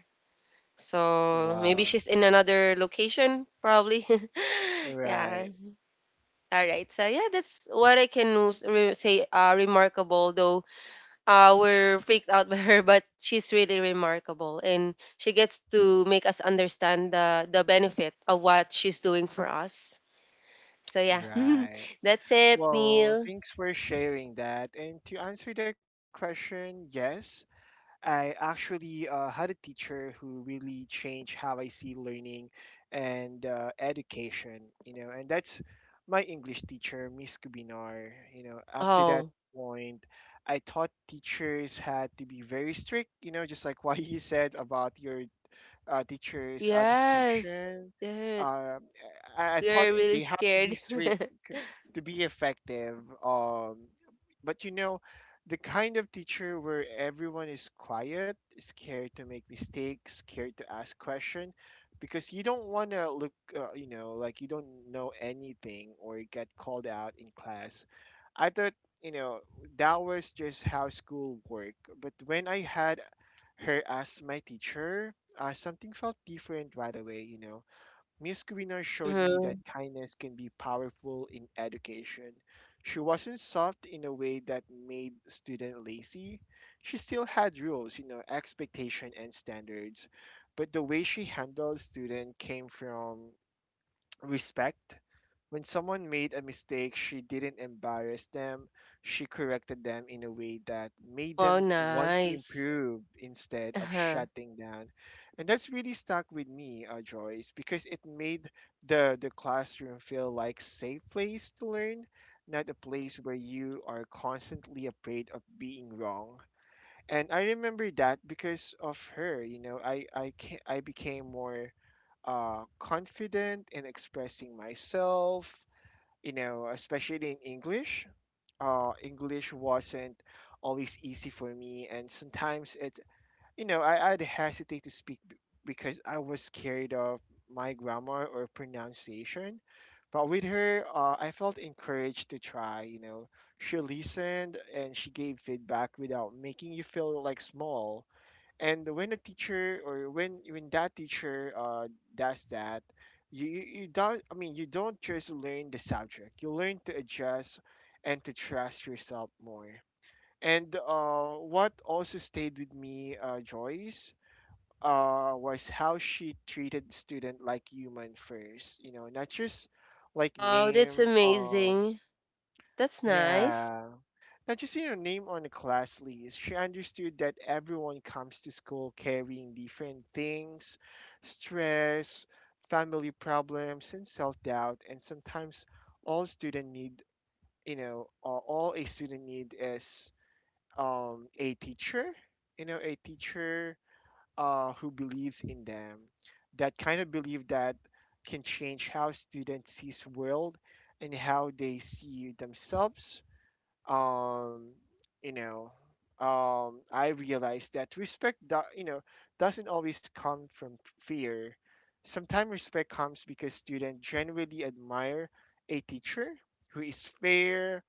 [SPEAKER 2] So maybe she's
[SPEAKER 1] Wow.
[SPEAKER 2] in another location, probably. Yeah.
[SPEAKER 1] Right.
[SPEAKER 2] All right. So yeah, that's what I can say. Remarkable though, we're freaked out by her, but she's really remarkable, and she gets to make us understand the benefit of what she's doing for us. So yeah,
[SPEAKER 1] Right.
[SPEAKER 2] that's it,
[SPEAKER 1] Well,
[SPEAKER 2] Neil.
[SPEAKER 1] thanks for sharing that. And to answer that question, yes, I actually had a teacher who really changed how I see learning and education, you know. And that's my English teacher, Miss Kubinar. You know, up to that
[SPEAKER 2] Oh,
[SPEAKER 1] point, I thought teachers had to be very strict, you know, just like what you said about your teacher's
[SPEAKER 2] yes,
[SPEAKER 1] description.
[SPEAKER 2] Dirt.
[SPEAKER 1] Uh, I
[SPEAKER 2] We
[SPEAKER 1] thought
[SPEAKER 2] are really
[SPEAKER 1] they have to be
[SPEAKER 2] scared.
[SPEAKER 1] strict c- to be effective. Um, but you know, the kind of teacher where everyone is quiet, scared to make mistakes, scared to ask question, because you don't want to look, you know, like you don't know anything or get called out in class. I thought, you know, that was just how school worked. But when I had her as my teacher, something felt different right away, you know. Miss Guinar showed me that
[SPEAKER 2] Mm-hmm.
[SPEAKER 1] kindness can be powerful in education. She wasn't soft in a way that made student lazy. She still had rules, you know, expectation, and standards. But the way she handled student came from respect. When someone made a mistake, she didn't embarrass them. She corrected them in a way that made
[SPEAKER 2] Wow,
[SPEAKER 1] them want to
[SPEAKER 2] nice.
[SPEAKER 1] improve instead of
[SPEAKER 2] Uh-huh.
[SPEAKER 1] shutting down. And that's really stuck with me, Joyce, because it made the classroom feel like safe place to learn, not a place where you are constantly afraid of being wrong. And I remember that because of her, you know, I became more confident in expressing myself, you know, especially in English. English wasn't always easy for me, and sometimes it, you know, I'd hesitate to speak because I was scared of my grammar or pronunciation. But with her, I felt encouraged to try. You know, she listened and she gave feedback without making you feel like small. And when a teacher, or when that teacher does that, you don't. I mean, you don't just learn the subject. You learn to adjust and to trust yourself more. And what also stayed with me, Joyce, was how she treated student like human first. You know, not just like
[SPEAKER 2] Wow, that's
[SPEAKER 1] name.
[SPEAKER 2] amazing. That's nice.
[SPEAKER 1] Yeah, not just, you know, name on the class list. She understood that everyone comes to school carrying different things, stress, family problems, and self doubt. And sometimes all student need, you know, or all a student need is a teacher, you know, a teacher who believes in them. That kind of belief that can change how students sees world and how they see themselves. Um, you know, I realized that respect, you know, doesn't always come from fear. Sometimes respect comes because students genuinely admire a teacher who is fair,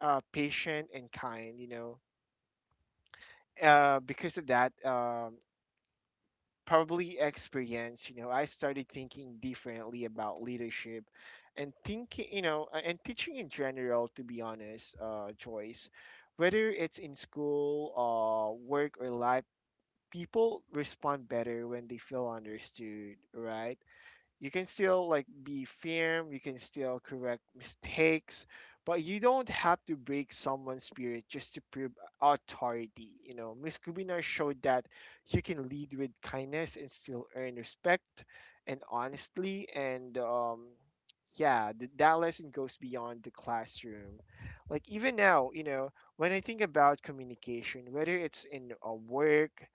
[SPEAKER 1] patient, and kind. You know, because of that, probably experience, you know, I started thinking differently about leadership and thinking, you know, and teaching in general, to be honest, Joyce, whether it's in school, work, or life, people respond better when they feel understood, right? You can still, like, be firm, you can still correct mistakes, but you don't have to break someone's spirit just to prove authority. You know, Miss Kubinar showed that you can lead with kindness and still earn respect. And honestly, and yeah, that lesson goes beyond the classroom. Like, even now, you know, when I think about communication, whether it's in a work,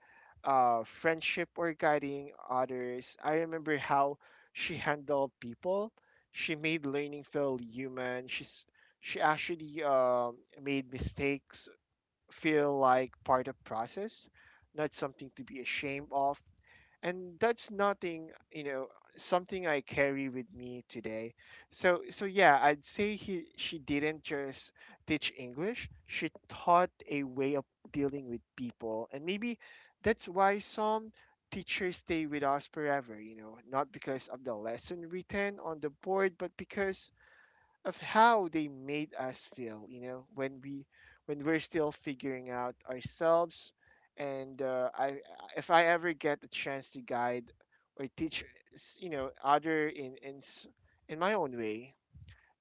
[SPEAKER 1] friendship, or guiding others, I remember how she handled people. She made learning feel human. She actually made mistakes feel like part of process, not something to be ashamed of. And that's nothing, you know, something I carry with me today. So, so yeah, I'd say he she didn't just teach English, she taught a way of dealing with people. And maybe that's why some teachers stay with us forever, you know, not because of the lesson written on the board, but because of how they made us feel, you know, when we, when we're still figuring out ourselves. And I if I ever get a chance to guide or teach, you know, other in in my own way,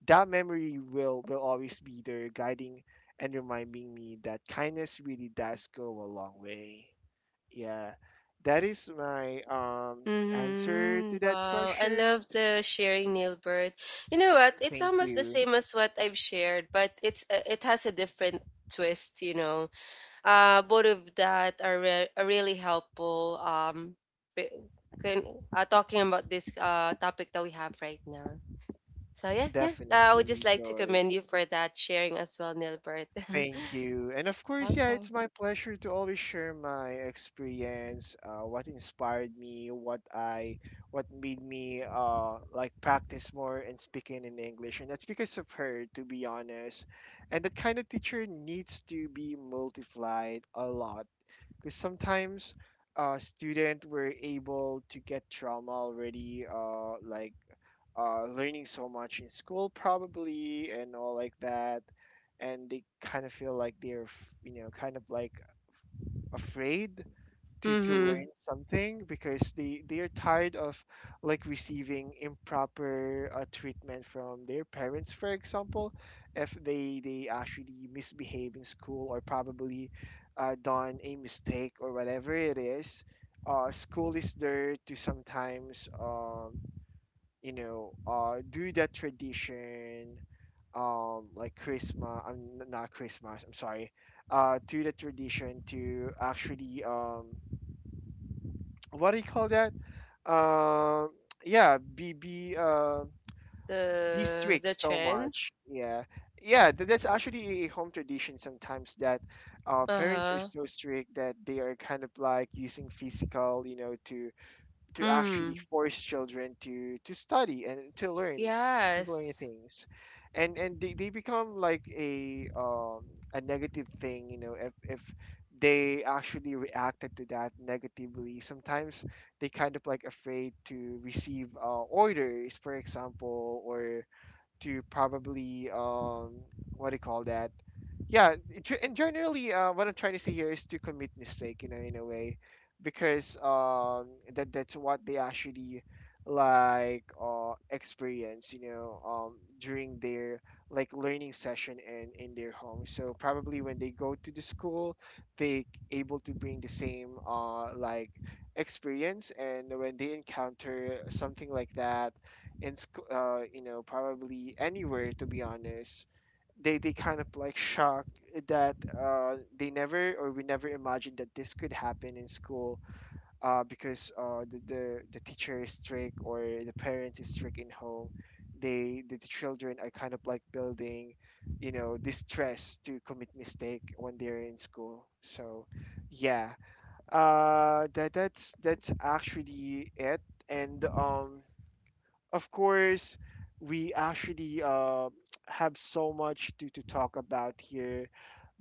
[SPEAKER 1] that memory will always be there guiding and reminding me that kindness really does go a long way. Yeah, that is my answer
[SPEAKER 2] Mm-hmm.
[SPEAKER 1] to that
[SPEAKER 2] Wow. I love
[SPEAKER 1] question.
[SPEAKER 2] the sharing, nail birth. You know what? It's
[SPEAKER 1] Thank
[SPEAKER 2] almost the
[SPEAKER 1] you.
[SPEAKER 2] same as what I've shared, but it's it has a different twist, you know. Both of that are, are really helpful, b- can, talking about this topic that we have right now. So yeah, yeah. I would just
[SPEAKER 1] Definitely,
[SPEAKER 2] like to
[SPEAKER 1] Joy.
[SPEAKER 2] commend you for that sharing as well, Nilbert.
[SPEAKER 1] Thank you. And of course, yeah, it's
[SPEAKER 2] Welcome.
[SPEAKER 1] my pleasure to always share my experience, what inspired me, what made me like practice more and speaking in English. And that's because of her, to be honest. And that kind of teacher needs to be multiplied a lot because sometimes student were able to get trauma already, like learning so much in school probably and all like that, and they kind of feel like they're kind of like afraid to learn
[SPEAKER 2] Mm-hmm.
[SPEAKER 1] something because they are tired of like receiving improper treatment from their parents, for example, if they actually misbehave in school, or probably done a mistake or whatever it is. School is there to sometimes do that tradition, like Christmas, I'm not Christmas, I'm sorry, do the tradition to actually, what do you call that? Um, yeah, be be
[SPEAKER 2] The
[SPEAKER 1] strict so
[SPEAKER 2] trend.
[SPEAKER 1] much. Yeah, yeah, that's actually a home tradition sometimes that parents are
[SPEAKER 2] Uh-huh.
[SPEAKER 1] so strict that they are kind of like using physical, you know, to actually
[SPEAKER 2] Mm.
[SPEAKER 1] force children to study and to learn,
[SPEAKER 2] Yes.
[SPEAKER 1] things, and they become like a negative thing, you know, if they actually reacted to that negatively sometimes. They kind of like afraid to receive orders, for example, or to probably what do you call that? Yeah, it ge- and generally, what I'm trying to say here is to commit mistake, you know, in a way, because that's what they actually like experience, you know, during their like learning session and in their home. So probably when they go to the school, they able to bring the same like experience, and when they encounter something like that in school, probably anywhere, to be honest. They kind of like shocked that they never, or we never imagined that this could happen in school, because the teacher is strict or the parent is strict in home. The children are kind of like building, you know, this stress to commit mistake when they're in school. So yeah. That's actually it. And of course, we actually have so much to talk about here,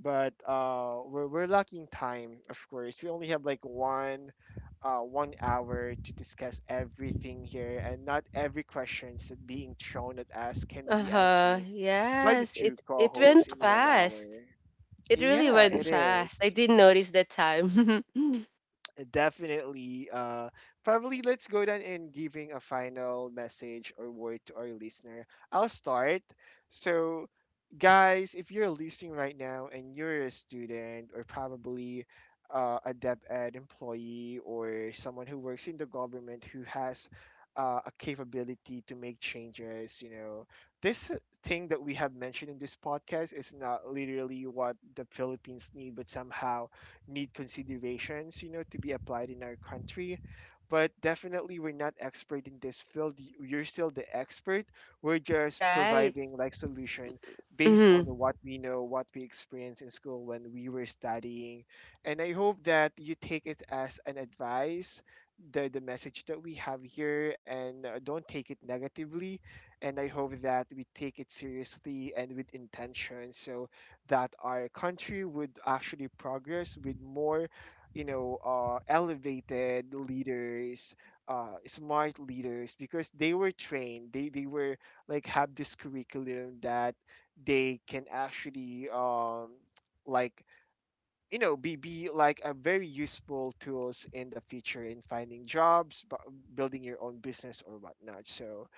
[SPEAKER 1] but we're lacking time, of course. We only have like 1 hour to discuss everything here, and not every questions that being thrown at us can be
[SPEAKER 2] Uh-huh.
[SPEAKER 1] answered by the
[SPEAKER 2] Yes,
[SPEAKER 1] two
[SPEAKER 2] it went
[SPEAKER 1] co-hosts in 1 hour.
[SPEAKER 2] fast. It really
[SPEAKER 1] Yeah,
[SPEAKER 2] went
[SPEAKER 1] it
[SPEAKER 2] fast. I
[SPEAKER 1] is
[SPEAKER 2] didn't notice that time.
[SPEAKER 1] definitely probably let's go down in giving a final message or word to our listener. I'll start. So guys, if you're listening right now and you're a student, or probably a DepEd employee, or someone who works in the government who has a capability to make changes, you know, this thing that we have mentioned in this podcast is not literally what the Philippines need, but somehow need considerations, you know, to be applied in our country. But definitely, we're not expert in this field. You're still the expert. We're just
[SPEAKER 2] Right.
[SPEAKER 1] providing like solution based on
[SPEAKER 2] Mhm.
[SPEAKER 1] what we know, what we experienced in school when we were studying. And I hope that you take it as an advice, the message that we have here, and don't take it negatively. And I hope that we take it seriously and with intention, so that our country would actually progress with more, you know, elevated leaders, smart leaders, because they were trained. They were like have this curriculum that they can actually like be like a very useful tools in the future in finding jobs, building your own business or whatnot. So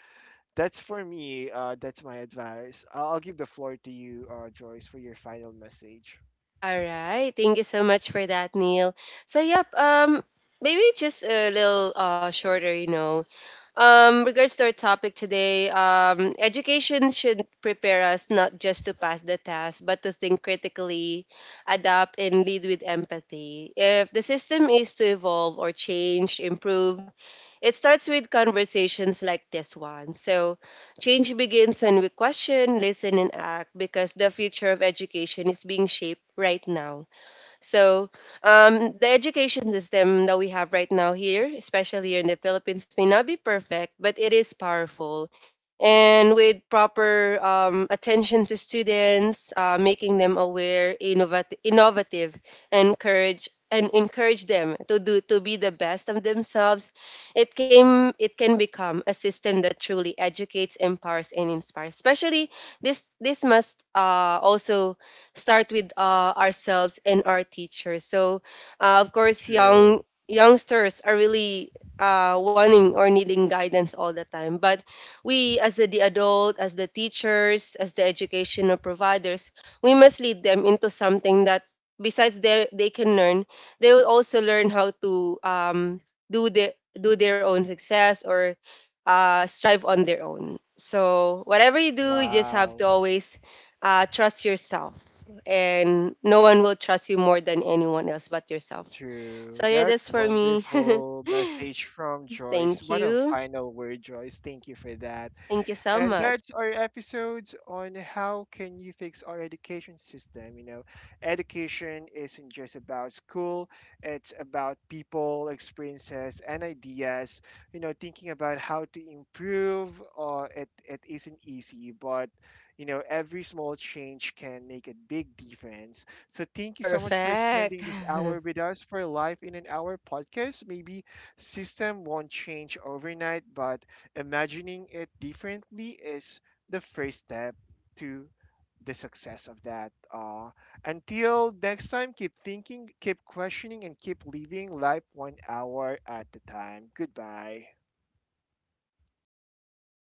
[SPEAKER 1] that's for me. That's my advice. I'll give the floor to you, Joyce, for your final message.
[SPEAKER 2] All right. Thank you so much for that, Neil. So, yep, maybe just a little shorter, you know. Regards to our topic today, education should prepare us not just to pass the test, but to think critically, adapt, and lead with empathy. If the system is to evolve or change, improve, it starts with conversations like this one. So, change begins when we question, listen, and act, because the future of education is being shaped right now. So, the education system that we have right now here, especially here in the Philippines, may not be perfect, but it is powerful, and with proper attention to students, making them aware, innovative, and encourage them to be the best of themselves. It can become a system that truly educates, empowers, and inspires. Especially this must also start with ourselves and our teachers. So, of course,
[SPEAKER 1] True.
[SPEAKER 2] youngsters are really wanting or needing guidance all the time, but we, as the adult, as the teachers, as the educational providers, we must lead them into something that, they can learn, they will also learn how to do their do their own success, or strive on their own. So whatever you do, you just have to
[SPEAKER 1] Wow.
[SPEAKER 2] always trust yourself, and no one will trust you more than anyone else but yourself.
[SPEAKER 1] True.
[SPEAKER 2] So yeah,
[SPEAKER 1] That's
[SPEAKER 2] that's for me.
[SPEAKER 1] wonderful message from
[SPEAKER 2] Thank
[SPEAKER 1] Joyce. What a
[SPEAKER 2] you.
[SPEAKER 1] final word, Joyce. Thank you for that.
[SPEAKER 2] Thank you so
[SPEAKER 1] And
[SPEAKER 2] much.
[SPEAKER 1] that's our episodes on how can you fix our education system. You know, education isn't just about school, it's about people, experiences, and ideas. You know, thinking about how to improve, it isn't easy, but you know, every small change can make a big difference. So thank you so much for
[SPEAKER 2] Perfect.
[SPEAKER 1] spending this hour with us for Life in an Hour podcast. Maybe system won't change overnight, but imagining it differently is the first step to the success of that. Until next time, keep thinking, keep questioning, and keep living life 1 hour at a time. Goodbye.